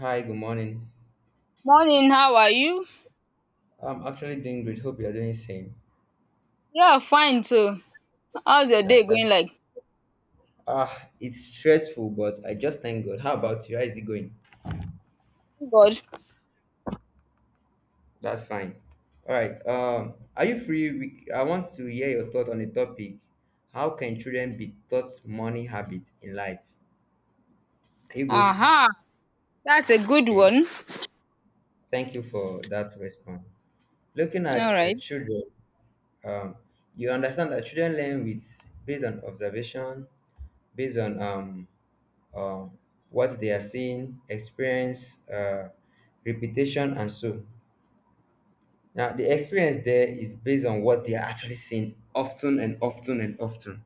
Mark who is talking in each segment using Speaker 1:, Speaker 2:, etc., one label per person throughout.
Speaker 1: Hi, good morning.
Speaker 2: Morning, how are you?
Speaker 1: I'm actually doing great. Hope you're doing same.
Speaker 2: Yeah, fine too. How's your
Speaker 1: Yeah,
Speaker 2: day going like?
Speaker 1: it's stressful, but I just thank God. How about you? How is it going?
Speaker 2: Thank God.
Speaker 1: That's fine. All right. Are you free? I want to hear your thought on the topic. How can children be taught money habits in life? Are you good?
Speaker 2: Aha, that's a good
Speaker 1: Okay.
Speaker 2: one.
Speaker 1: Thank you for that response. Looking
Speaker 2: All
Speaker 1: at
Speaker 2: right.
Speaker 1: children, um, you understand that children learn with based on observation, based on uh, what they are seeing, experience, reputation, and so. Now, the experience there is based on what they are actually seeing often and often and often.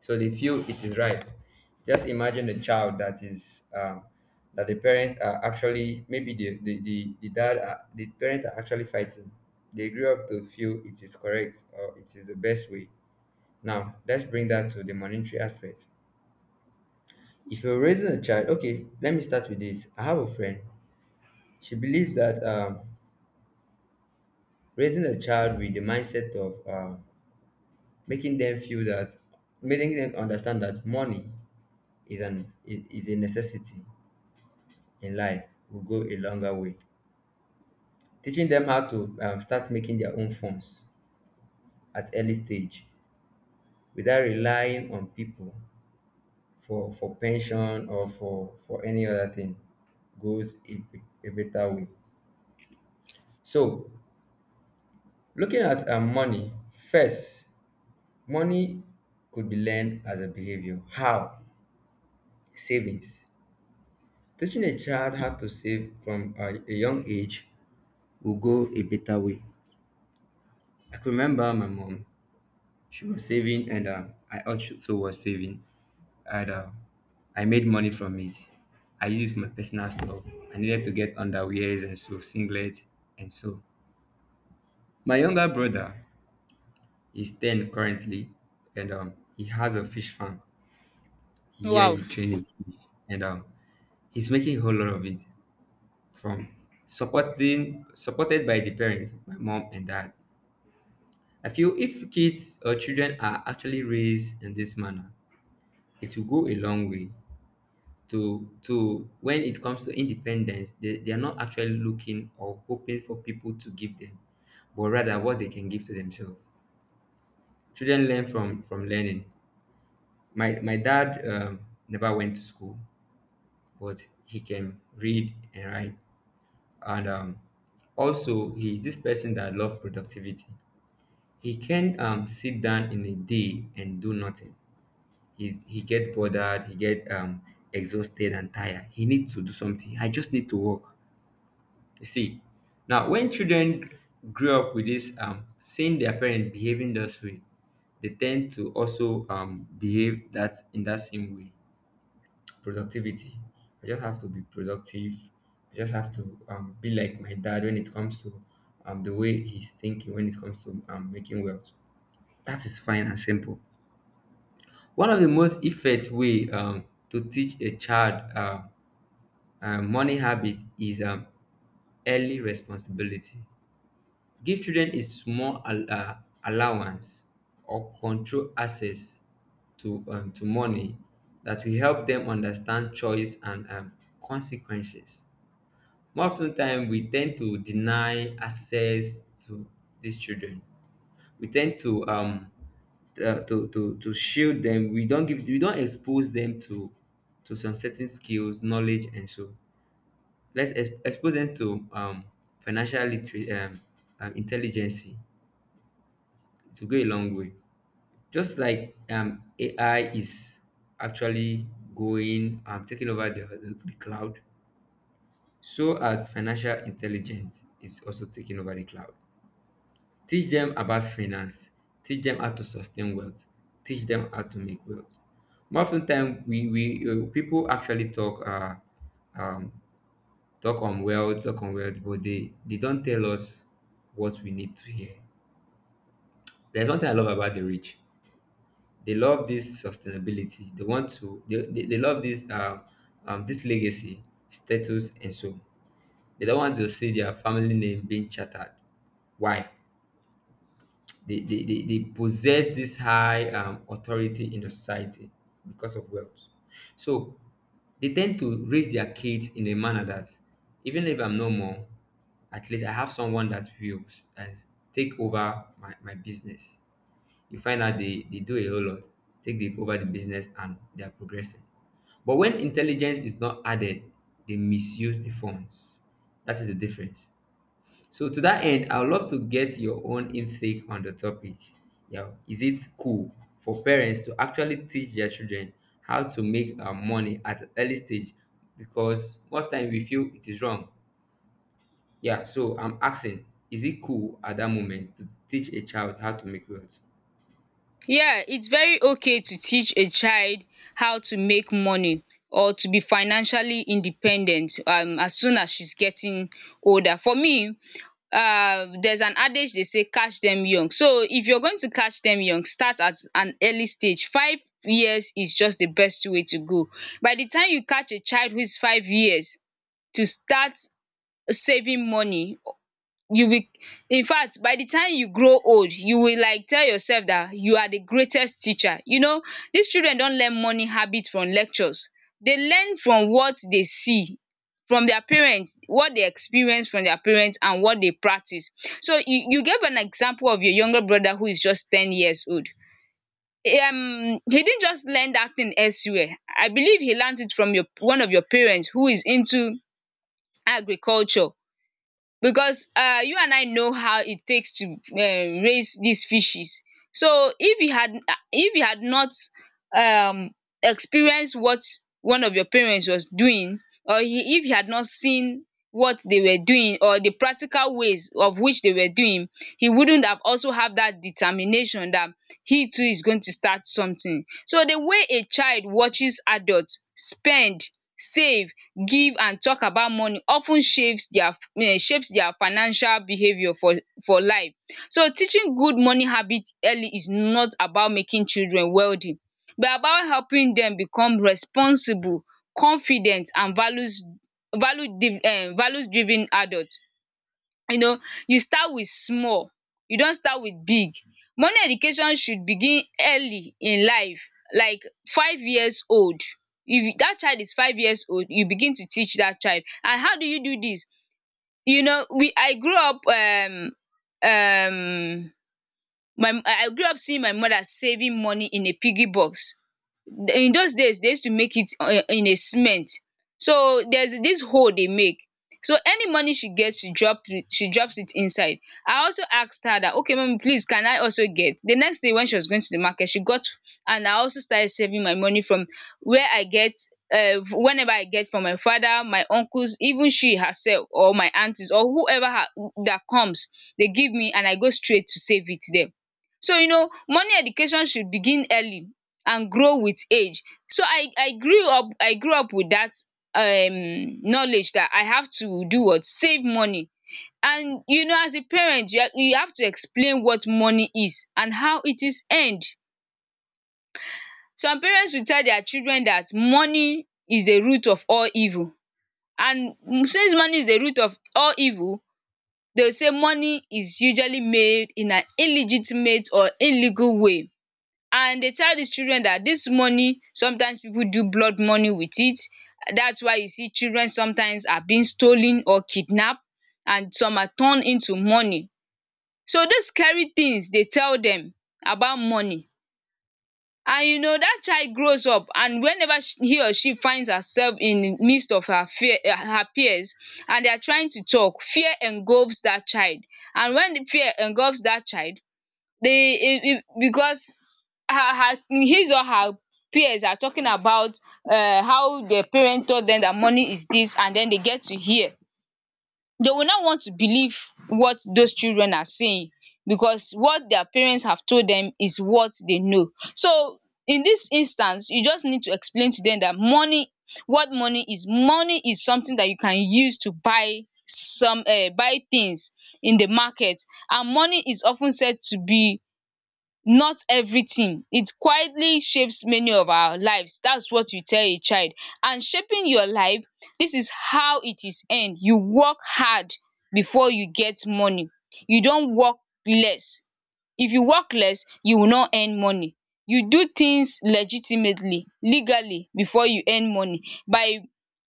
Speaker 1: So they feel it is right. Just imagine a child that is that the parent are actually maybe the dad are, the parent are actually fighting. They grew up to feel it is correct or it is the best way. Now let's bring that to the monetary aspect. If you're raising a child, okay, let me start with this. I have a friend. She believes that raising a child with the mindset of making them feel that, making them understand that money is a necessity in life will go a longer way. Teaching them how to start making their own funds at early stage without relying on people for pension or for any other thing goes a better way. So looking at money first. Money could be learned as a behavior. How? Savings. Teaching a child how to save from a young age will go a better way. I can remember my mom. She was saving, and I also was saving, and I made money from it. I used it for my personal stuff. I needed to get underwears and so singlets and so. My younger brother is ten currently, and he has a fish farm. Here
Speaker 2: Wow.
Speaker 1: he trains his fish, and he's making a whole lot of it from supporting supported by the parents, my mom and dad. I feel if kids or children are actually raised in this manner, it will go a long way to, when it comes to independence, they are not actually looking or hoping for people to give them, but rather what they can give to themselves. Children learn from learning. My dad never went to school, but he can read and write. And also, he's this person that loves productivity. He can sit down in a day and do nothing. He get bothered. He get exhausted and tired. He needs to do something. I just need to work. You see, now when children grew up with this seeing their parents behaving this way, they tend to also behave that in that same way. Productivity. I just have to be productive. I just have to be like my dad when it comes to the way he's thinking when it comes to making wealth. That is fine and simple. One of the most effective way to teach a child money habit is early responsibility. Give children a small allowance or control access to money that will help them understand choice and consequences. More often time, we tend to deny access to these children. We tend to to shield them. We don't expose them to some certain skills, knowledge, and so let's expose them to financial literate intelligence to go a long way. Just like AI is actually going taking over the cloud, so as financial intelligence is also taking over the cloud. Teach them about finance, teach them how to sustain wealth, teach them how to make wealth. More often time, we people actually talk um, talk on wealth, but they don't tell us what we need to hear. There's one thing I love about the rich. They love this sustainability. They want to they love this legacy, status and so. They don't want to see their family name being chattered. Why? They possess this high authority in the society because of wealth. So they tend to raise their kids in a manner that even if I'm no more, at least I have someone that will that is, take over my business. You find out they do a whole lot, take over the business, and they are progressing. But when intelligence is not added, they misuse the funds. That is the difference. So to that end, I would love to get your own intake on the topic. Yeah, is it cool for parents to actually teach their children how to make money at an early stage? Because most time we feel it is wrong. Yeah, so I'm asking, is it cool at that moment to teach a child how to make wealth?
Speaker 2: Yeah, it's very okay to teach a child how to make money or to be financially independent as soon as she's getting older. For me, there's an adage, they say catch them young, so if you're going to catch them young, start at an early stage. 5 years is just the best way to go. By the time you catch a child who is 5 years to start saving money, you will... In fact, by the time you grow old, you will like tell yourself that you are the greatest teacher. These children don't learn money habit from lectures. They learn from what they see from their parents, what they experience from their parents, and what they practice. So you gave an example of your younger brother who is just 10 years old. He didn't just learn that thing elsewhere. I believe he learned it from your one of your parents who is into agriculture, because you and I know how it takes to raise these fishes. So if you had not um experienced what one of your parents was doing, if you had not seen what they were doing or the practical ways of which they were doing, he wouldn't have also have that determination that he too is going to start something. So the way a child watches adult spend, save, give and talk about money of ten shapes their financial behaviour for life. So teaching good money habit early is not about making children wealthy, but about helping dem become responsible, confident and value values driven adult. you know you start with small, you don't start with big. Money education should begin early in life, like 5 years old. If that child is 5 years old, you begin to teach that child. And how do you do this? We I grew up um my I grew up seeing my mother saving money in a piggy box. In those days they used to make it in a cement. So there's this hole they make, so any money she gets, she drops it inside. I also asked her that, okay mommy, please can I also get. The next day when she was going to the market she got, and I also started saving my money from where I get, whenever I get from my father, my uncles, even she herself or my aunties or whoever her that comes, they give me and I go straight to save it there. So money education should begin early and grow with age. So I grew up with that knowledge that I have to do what save money. And as a parent you have to explain what money is and how it is earned. Some parents will tell their children that money is the root of all evil, and since money is the root of all evil, they will say money is usually made in an illegitimate or illegal way. And they tell these children that this money, sometimes people do blood money with it. That's why you see children sometimes are being stolen or kidnapped, and some are turned into money. So those scary things they tell them about money. And that child grows up, and whenever he or she finds herself in the midst of her peers, and they are trying to talk, fear engulfs that child. And when the fear engulfs that child, it, because her, her his or her peers are talking about how their parent told them that money is this, and then they get to hear, they will not want to believe what those children are saying, because what their parents have told them is what they know. So in this instance you just need to explain to them that money what Money is something that you can use to buy some buy things in the market. And money is often said to be not everything. It quietly shapes many of our lives. That's what you tell a child. And shaping your life, this is how it is end. You work hard before you get money. You don't work less. If you work less, you will not earn money. You do things legitimately, legally, before you earn money. By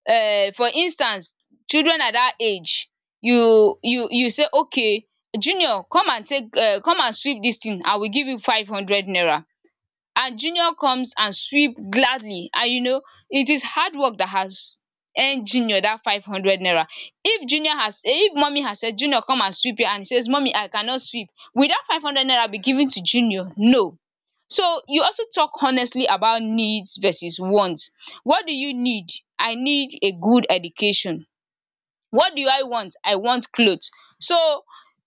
Speaker 2: For instance, children at that age, you say, okay, junior, come and take, come and sweep this thing, I will give you 500 naira. And junior comes and sweep gladly, and it is hard work that has earned junior that 500 naira. If mummy has said, junior come and sweep here, and he says, mummy I cannot sweep, will that 500 naira be given to junior? No. So you also talk honestly about needs versus wants. What do you need? I need a good education. What do I want? I want cloth. So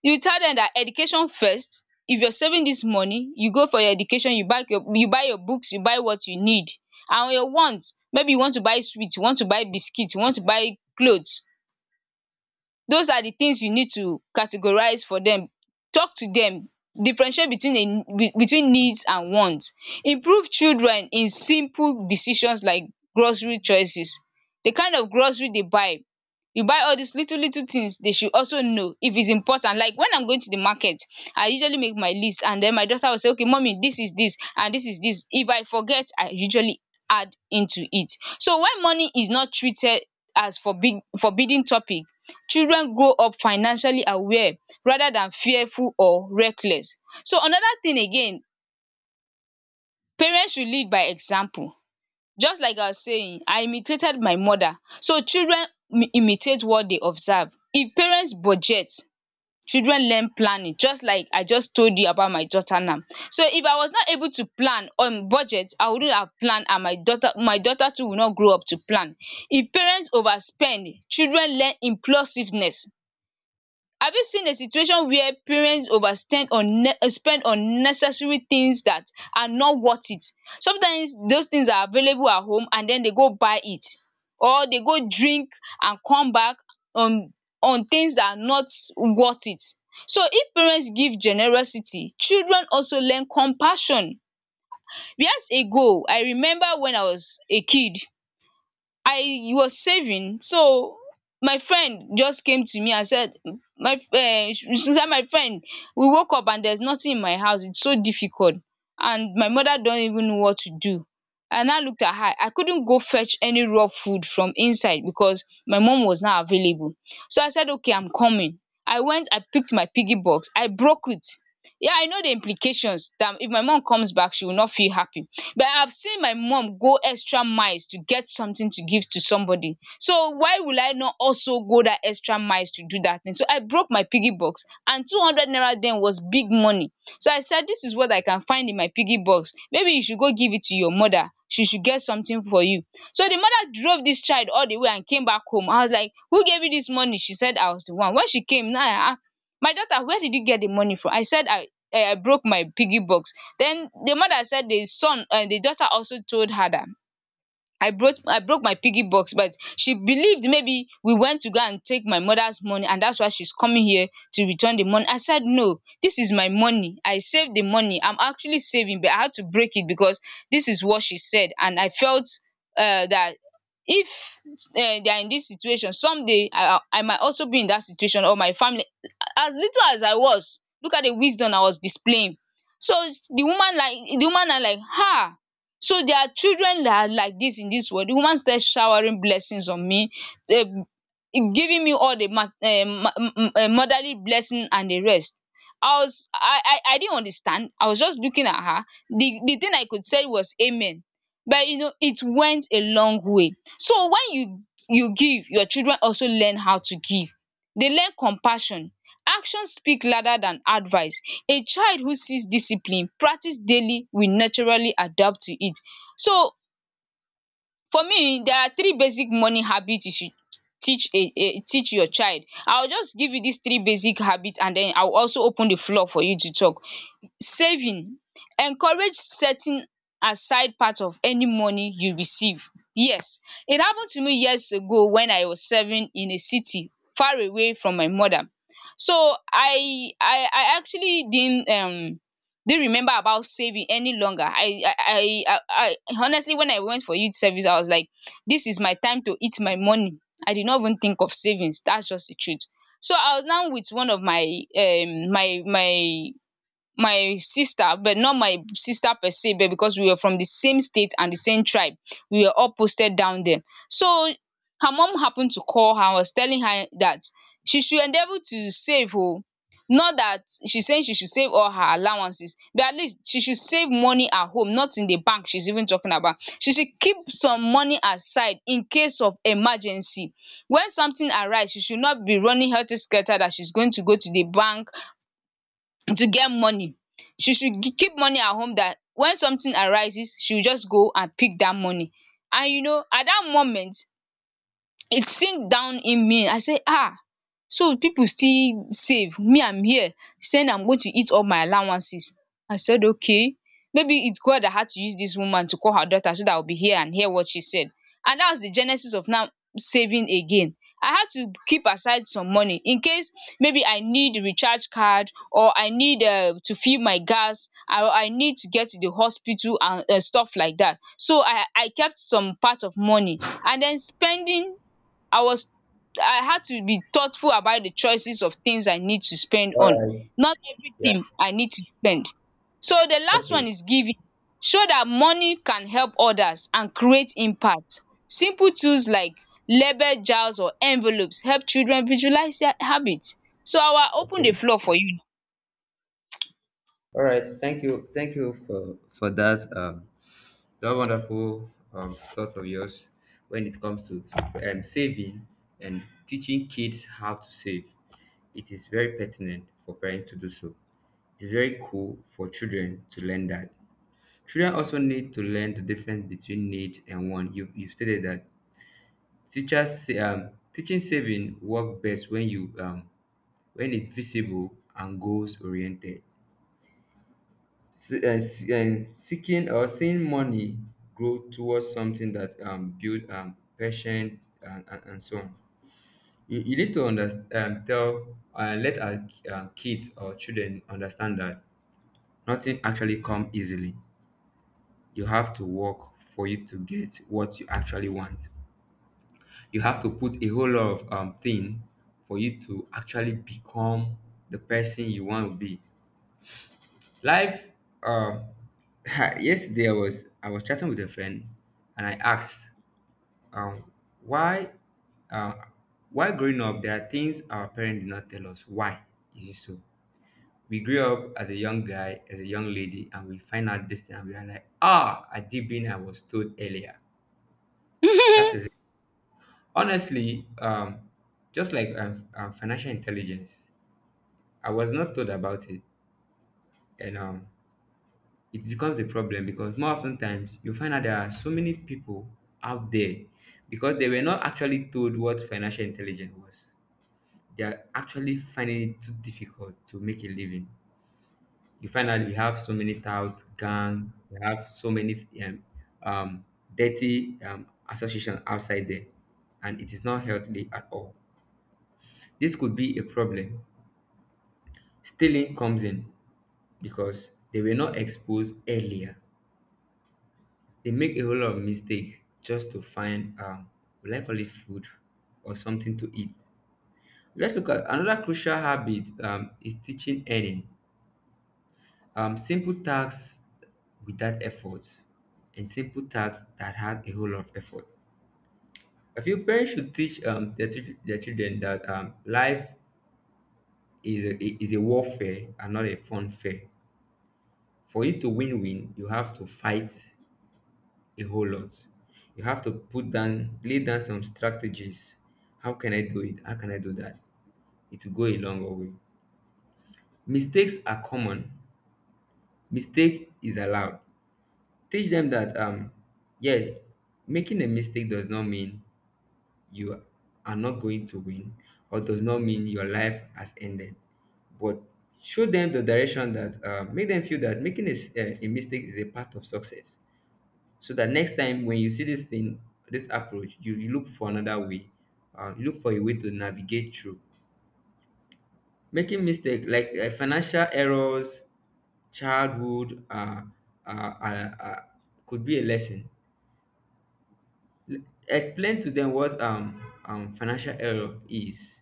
Speaker 2: you tell dem dat education first, if you're saving dis money, you go for your education, you buy your books, you buy what you need. And your want, maybe you want to buy sweet, you want to buy biscuit, you want to buy cloth. Those are the things you need to categorize for them. Talk to them, differentiate between a between needs and wants. Improve children in simple decisions, like grocery choices, the kind of grocery they buy. You buy all these little little things, they should also know if it's important. Like when I'm going to the market, I usually make my list, and then my daughter will say, okay mommy, this is this and this is this. If I forget, I usually add into it. So when money is not treated as forbidding topic, children grow up financially aware rather than fearful or reckless. So another thing again, parents should lead by example. Just like I was saying, I imitated my mother. So children imitate what they observe. If parents budget, children learn planning, just like I just told you about my daughter now. So if I was not able to plan on budget, I wouldn't have planned, and my daughter too will not grow up to plan. If parents overspend, children learn impulsiveness. Have you seen a situation where parents overspend on spend on necessary things that are not worth it? Sometimes those things are available at home and den they go buy it, or they go drink and come back on things that are not worth it. So if parents give generosity, children also learn compassion. Years ago I remember when I was a kid, I was saving. So my friend just came to me and said, my she said, my friend, we woke up and there's nothing in my house, it's so difficult, and my mother don't even know what to do. And I looked at her, I couldn't go fetch any raw food from inside because my mom was not available. So I said, okay, I'm coming. I went, I picked my piggy box, I broke it. Yeah, I know the implications that if my mom comes back, she will not feel happy. But I've seen my mom go extra miles to get something to give to somebody. So why will I not also go that extra miles to do that thing? So I broke my piggy box, and 200 naira then was big money. So I said, this is what I can find in my piggy box. Maybe you should go give it to your mother, she should get something for you. So the mother drove this child all the way and came back home. I was like, who gave you this money? She said, I was the one. When she came, now I asked, my daughter, where did you get the money from? I said, I broke my piggy box. Then the mother said, the son and the daughter also told her that I broke my piggy box, but she believed maybe we went to go and take my mother's money, and that's why she's coming here to return the money. I said, no, this is my money, I saved the money. I'm actually saving, but I had to break it because this is what she said. And I felt that if they are in this situation someday, I might also be in that situation, or my family. As little as I was, look at the wisdom I was displaying. So the woman like the woman are like "Ha! So there are children that are like this in this world." The woman started showering blessings on me, um giving me all the motherly blessing and the rest. I didn't understand. I was just looking at her. The thing I could say was amen, but you know it went a long way. So when you give, your children also learn how to give. They learn compassion. Actions speak louder than advice. A child who sees discipline practice daily will naturally adapt to it. So for me, there are three basic morning habit you should teach a teach your child. I will just give you these three basic habit and then I will also open the floor for you to talk. Saving. Encourage setting aside part of any money you receive. Yes, it happened to me years ago when I was serving in a city far away from my mother. So I actually didn't remember about saving any longer. I, honestly, when I went for youth service I was like, this is my time to eat my money. I did not even think of savings. That's just the truth. So I was now with one of my um my my my sister, but not my sister per se, but because we were from the same state and the same tribe, we were all posted down there. So her mom happened to call her, was telling her that she should endeavor to save. Oh, not that she's saying she should save all her allowances, but at least she should save money at home, not in the bank. She's even talking about she should keep some money aside in case of emergency. When something arises, she should not be running helter skelter that she's going to go to the bank to get money. She should keep money at home, that when something arises she will just go and pick that money. And you know, at that moment it sink down in me. I say, ah, so people still save, me I'm here saying I'm going to eat all my allowances. I said, okay, maybe it's God that had to use this woman to call her daughter so that I'll be here and hear what she said. And that was the genesis of now saving again. I had to keep aside some money in case maybe I need recharge card, or I need to fill my gas, or I need to get to the hospital and stuff like that. So I kept some part of money. And then spending. I was, I had to be thoughtful about the choices of things I need to spend
Speaker 1: All
Speaker 2: on.
Speaker 1: right.
Speaker 2: Not
Speaker 1: Yeah.
Speaker 2: everything I need to spend. So the last
Speaker 1: Okay.
Speaker 2: one is giving. Show that money can help others and create impact. Simple tools like label jars or envelopes help children visualize their habits. So I will open
Speaker 1: Okay.
Speaker 2: the floor for
Speaker 1: All right. Thank you. Thank you for that that wonderful thought of yours when it comes to saving and teaching kids how to save. It is very pertinent for parents to do so. It is very cool for children to learn that. Children also need to learn the difference between need and want. You stated that teachers say, teaching saving work best when it's visible and goals oriented, seeking or seeing money grow towards something that build patient, and so on. You need to understand, tell let our kids or children understand that nothing actually come easily. You have to work for you to get what you actually want. You have to put a whole lot of thing for you to actually become the person you want to be. Life. um, Yesterday I was chatting with a friend, and I asked, um, why, uh, why growing up there are things our parents did not tell us. Why is it so? We grew up as a young guy, as a young lady, and we find out this thing, and we are like, I did been I was told earlier. That
Speaker 2: you.
Speaker 1: is it. Honestly, just like financial intelligence, I was not told about it, and it becomes a problem because more often times you find out there are so many people out there because they were not actually told what financial intelligence was. They are actually finding it too difficult to make a living. You find out you have so many touts, gang, you have so many um, dirty associations outside there, and it is not healthy at all. This could be a problem. Stealing comes in because they were not exposed earlier. They make a whole lot of mistake just to find will I call it food or something to eat. Let's look at another crucial habit is teaching earning. Simple tasks without effort and simple tasks that has a whole lot of effort. I feel parents should teach their children that life is a, is a warfare and not a fun fair. For you to win, you have to fight a whole lot. You have to put down, lay down some strategies. How can I do it? How can I do that? It will go a long way. Mistakes are common. Mistake is allowed. Teach them that yeah, making a mistake does not mean you are not going to win, or does not mean your life has ended. But show them the direction that make them feel that making a mistake is a part of success so that next time when you see this approach, you look for another way, you look for a way to navigate through making mistake like financial errors. Childhood uh, uh, uh, could be a lesson. L- Explain to them what financial error is.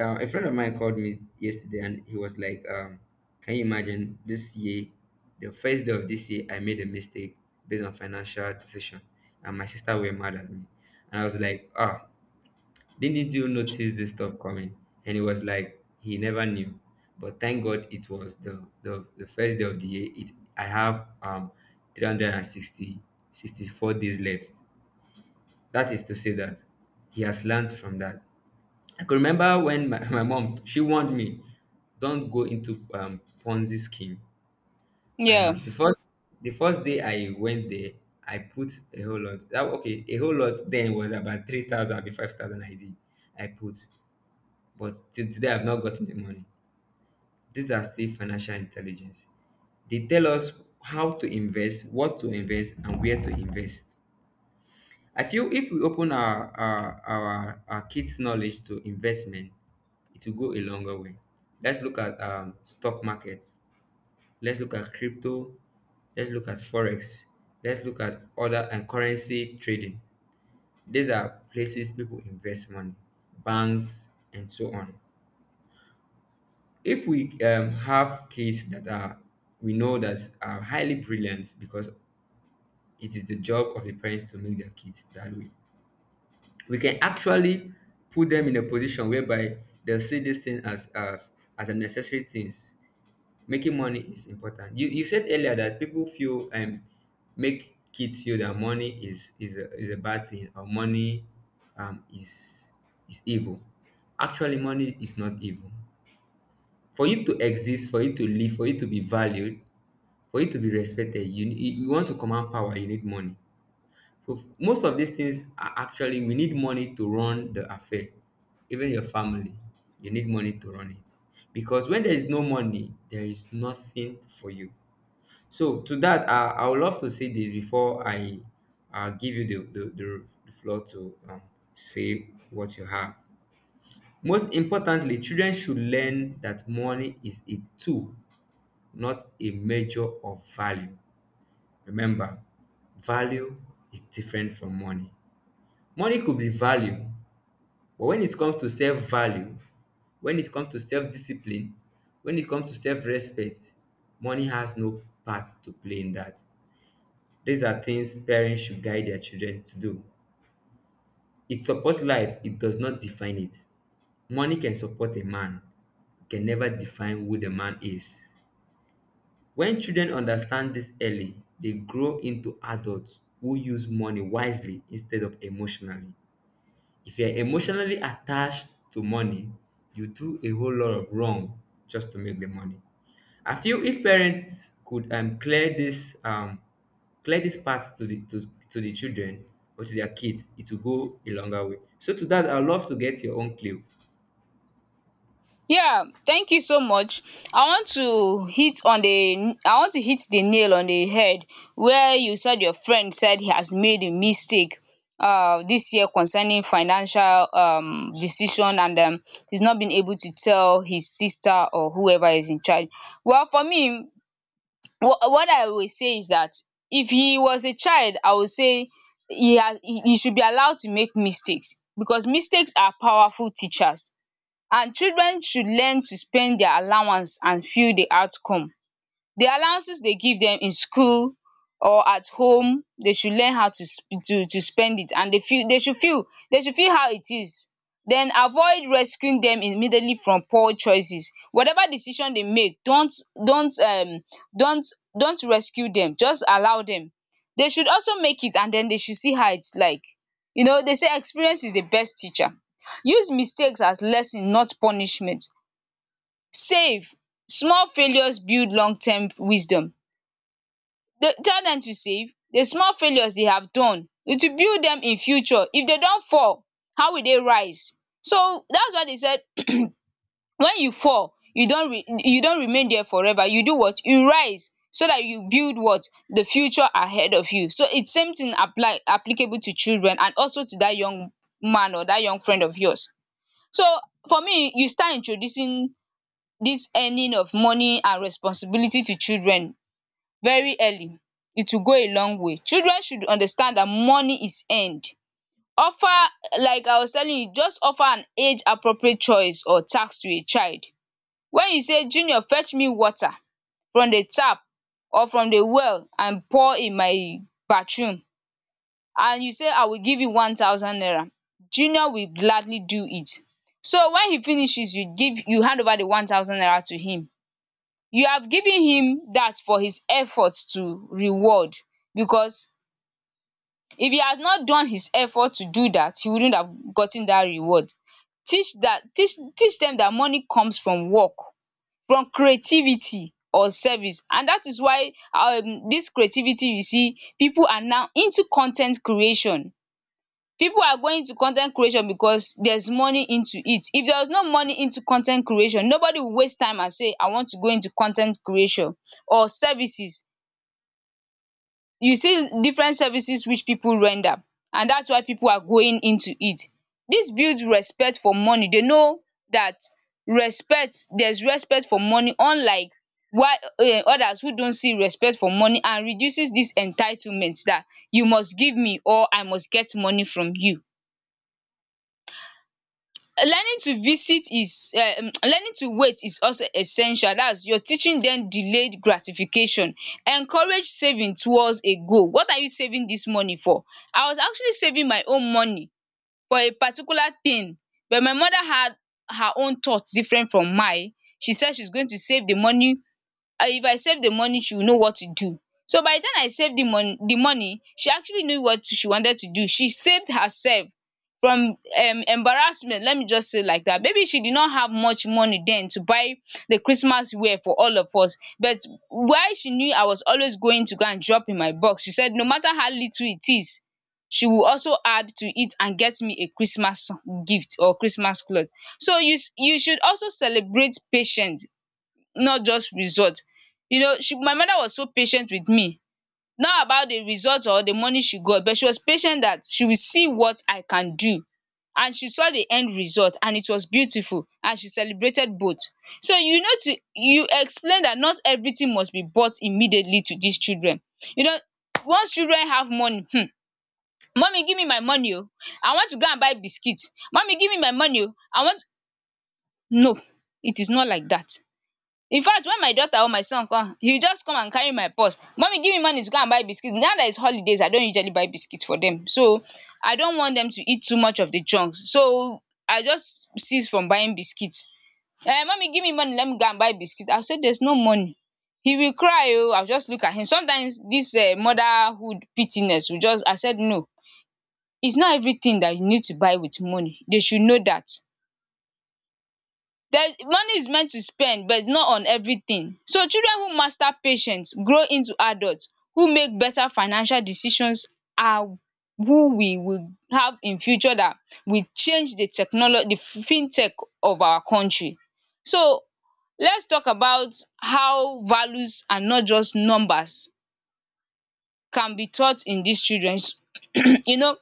Speaker 1: A friend of mine called me yesterday and he was like, can you imagine this year, the first day of this year, I made a mistake based on financial decision, and my sister were mad at me. And I was like, ah, didn't you notice this stuff coming? And he was like, he never knew. But thank God it was the first day of the year. It I have three hundred and sixty four days left. That is to say that he has learned from that. I could remember when my mom she warned me, don't go into Ponzi scheme. And
Speaker 2: Yeah.
Speaker 1: the first day I went there, I put a whole lot. A whole lot then was about 3,000, be 5,000 I did. I put, but till today I've not gotten the money. These are still financial intelligence. They tell us how to invest, what to invest, and where to invest. I feel if we open our kids' knowledge to investment, it will go a longer way. Let's look at stock markets. Let's look at crypto. Let's look at forex. Let's look at other and currency trading. These are places people invest money, banks and so on. If we have kids that are we know that are highly brilliant, because it is the job of the parents to make their kids that way, we can actually put them in a position whereby they'll see this thing as a necessary things. Making money is important. You said earlier that people feel make kids feel that money is a bad thing, or money um is is evil. Actually, money is not evil. For you to exist, for you to live, for you to be valued, for you to be respected, you want to command power, you need money. So most of these things are actually we need money to run the affair. Even your family, you need money to run it. Because when there is no money, there is nothing for you. So to that, I would love to say this before I give you the floor to say what you have. Most importantly, children should learn that money is a tool, not a measure of value. Remember, value is different from money. Money could be value, but when it comes to self value, when it comes to self discipline, when it comes to self respect, money has no part to play in that. These are things parents should guide their children to do. It supports life, it does not define it. Money can support a man, it can never define who the man is. When children understand this early, they grow into adults who use money wisely instead of emotionally. If you're emotionally attached to money, you do a whole lot of wrong just to make the money. I feel if parents could clear this part to, to the children or to their kids, it will go a longer way. So to that, I'd love to get your own clue.
Speaker 2: Yeah, thank you so much. I want to hit on the, I want to hit the nail on the head where you said your friend said he has made a mistake this year concerning financial decision, and he's not been able to tell his sister or whoever is in charge. Well, for me, what I would say is that if he was a child, I would say he he should be allowed to make mistakes because mistakes are powerful teachers, and children should learn to spend dia allowance and feel di outcome. The allowances they give them in school or at home, they should learn how to to spend it, and they feel, they should feel how it is. Then avoid rescuing them immediately from poor choices. Whatever decision they make, don't um don't don't rescue them. Just allow them. They should also make it, and then they should see how its like. You know, they say experience is the best teacher. Use mistakes as lesson, not punishment. Save. Small failures build long term wisdom. Dey tell dem to save, the small failures they have done, it will build them in future. If they don't fall, how will they rise? So that's why they said, when you fall, you don re you don't remain there forever. You do what? You rise so that you build what? The future ahead of you. So it's same thing apply applicable to children and also to that young man or that young friend of yours. So for me, you start introducing this earning of money and responsibility to children very early, it will go a long way. Children should understand that money is earned. Offer, like I was telling you, just offer an age appropriate choice or task to a child. When you say, junior fetch me water from the tap or from the well and pour in my bathroom, and you say I will give you 1,000 naira, junior will gladly do it. So when he finishes, you hand over the 1,000 naira to him. You have given him that for his effort to reward, because if he has not done his effort to do that, he wouldn't have gotten that reward. Teach that, teach dem that money comes from work, from creativity or service. And that is why this creativity, you see people are now into con ten t creation. People are going to con ten t creation because there's money into it. If there was no money into con ten t creation, nobody will waste time and say I want to go into con ten t creation or services. You see different services which people render, and that's why people are going into it. This builds respect for money. They know that respect, there's respect for money, unlike while others who don't see respect for money, and reduces this entitlement that you must give me or I must get money from you. Learning to visit is learning to wait is also essential. That's you're teaching them delayed gratification. Encourage saving towards a goal. What are you saving this money for? I was actually saving my own money for a particular thing, but my mother had her own thoughts different from mine. She said she's going to save the money, and if I save the money, she will know what to do. So by the time I saved the money, she actually knew what she wanted to do. She saved herself from embarrassment, let me just say like that. Maybe she did not have much money then to buy the Christmas wear for all of us, but while she knew I was always going to go and drop in my box, she said no matter how little it is, she will also add to it and get me a Christmas gift or Christmas cloth. So you should also celebrate patience, not just result. You know, she my mother was so patient with me, not about the result or the money she got, but she was patient that she will see what I can do. And she saw the end result and it was beautiful, and she celebrated both. So you know, to you explain that not everything must be bought immediately to these children. You know, once children have money, mummy give me my money. Oh, I want to go and buy biscuits. Mummy give me my money. Oh, I want. No, it is not like that. In fact, when my daughter or my son come, he will just come and carry my purse. Mummy give me money to go and buy biscuits. Now that it's holidays, I don't usually buy biscuits for them, so I don't want them to eat too much of the chunks, so I just cease from buying biscuits. Mummy give me money, let me go and buy biscuits. I will say there is no money. He will cry, o I will just look at him. Sometimes this motherhood pity-ness will just, I said no, it's not everything that you need to buy with money. They should know that there, money is meant to spend, but it's not on everything. So children who master patience grow into adults who make better financial decisions, are who we will have in future that will change the technology, the fintech of our country. So let's talk about how values and not just numbers can be taught in these children. You know,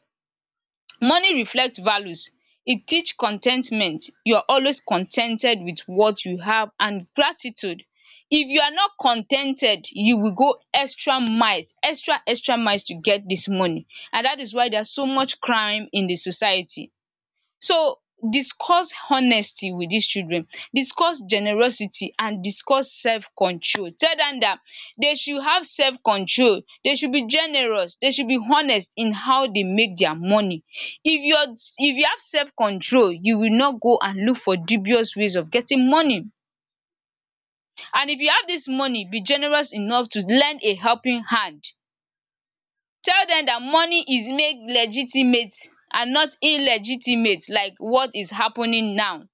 Speaker 2: money reflect values. E teach con ten tment. You are always con ten ted with what you have, and gratitude. If you are not con ten ted, you will go extra miles, extra miles to get dis money, and dat is why there are so much crime in the society. So discuss honesty with dis children, discuss generosity, and discuss self control. Tell dem dat dey should have self control, dey should be generous, dey should be honest in how dey make dia money. If your if you have self control, you will not go and look for dubious ways of getting money. And if you have dis money, be generous enough to lend a helping hand. Tell dem dat money is made legitimate and not illegitimate, like what is happening now.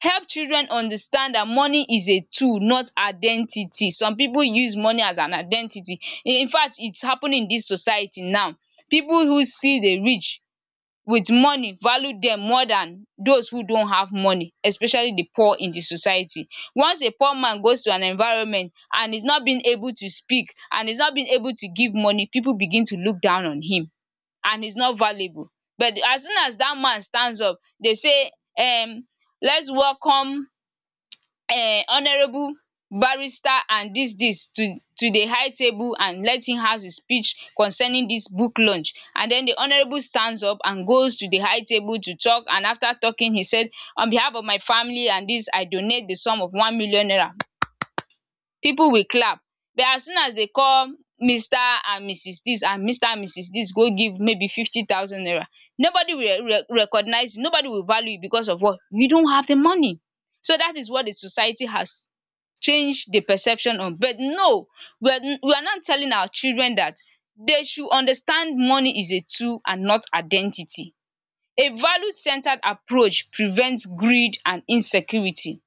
Speaker 2: Help children understand that money is a tool, not identity. Some people use money as an identity. In fact, it's happening in this society now. People who see the rich with money value them more than those who don't have money, especially the poor in the society. Once a poor man goes to an environment and is not being able to speak and is not being able to give money, people begin to look down on him, and he's not valuable. But as soon as that man stands up, they say, um let's welcome honourable barrister and dis to di high table, and let him ask his speech concerning dis book launch. And den di honourable stands up and goes to di high table to talk, and after talking he said, on behalf of my family and dis, I donate di sum of 1 million naira. Pipu will clap. But as soon as they call Mr and Mrs this and Mr and Mrs this, go give maybe 50,000 naira, nobody will recognise you, nobody will value you because of what? You don't have the money. So that is what the society has changed the perception on. But no, we are not telling our children that they should understand money is a tool and not identity. A value centered approach prevents greed and insecurity.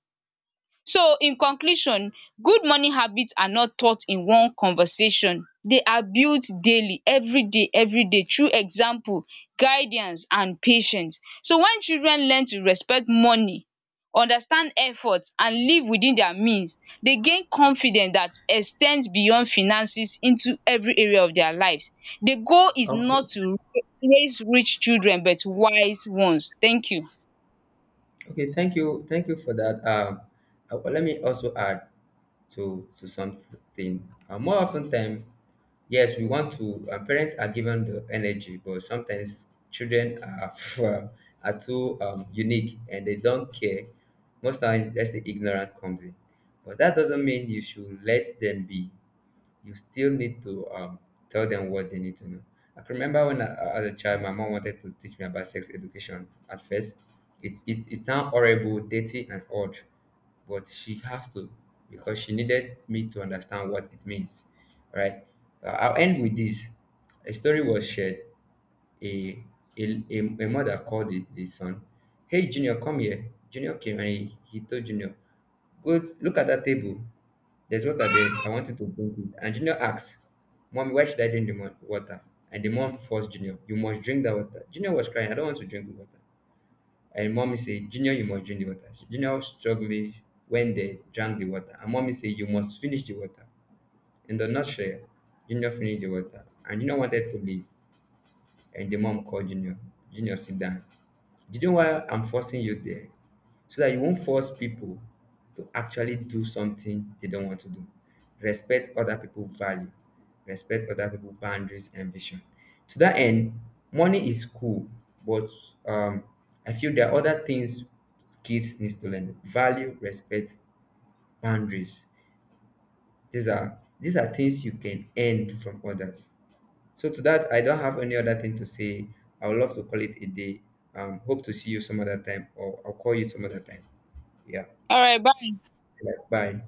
Speaker 2: So in conclusion, good morning habits are not taught in one conversation. They are built daily, everyday through example, guidance and patience. So when children learn to respect money, understand effort, and live within their means, they gain confidence that extends beyond finances into every area of their lives. The goal is
Speaker 1: Okay.
Speaker 2: not to raise rich children but wise ones. Thank you.
Speaker 1: Okay, thank you for that. Let me also add to something. More often time, yes, we want to. Parents are given the energy, but sometimes children are uh, are too unique and they don't care. Most time, let's say ignorant comes in, but that doesn't mean you should let them be. You still need to tell them what they need to know. I can remember when I, as a child, my mom wanted to teach me about sex education. At first, it sounds horrible, dirty, and odd, but she has to, because she needed me to understand what it means. All right? I'll end with this. A story was shared. A a, a, a mother called the son, "Hey Junior, come here." Junior came and he told Junior, "Go look at that table. There's water there. I want you to drink it." And Junior asks, "Mommy, why should I drink the water?" And the mom forced Junior, "You must drink that water." Junior was crying, "I don't want to drink the water." And mommy said, "Junior, you must drink the water." Junior was struggling when they drank the water. And mommy said, "You must finish the water." In the nutshell, Junior finished the water. And Junior wanted to leave. And the mom called Junior. "Junior, sit down. Do you know why I'm forcing you there? So that you won't force people to actually do something they don't want to do. Respect other people's value, respect other people's boundaries and vision." To that end, money is cool, but um, I feel there are other things kids needs to learn. Value, respect, boundaries. These are things you can earn from others. So to that, I don't have any other thing to say. I would love to call it a day. Hope to see you some other time, or I'll call you some other time. Yeah.
Speaker 2: Alright, bye.
Speaker 1: Bye.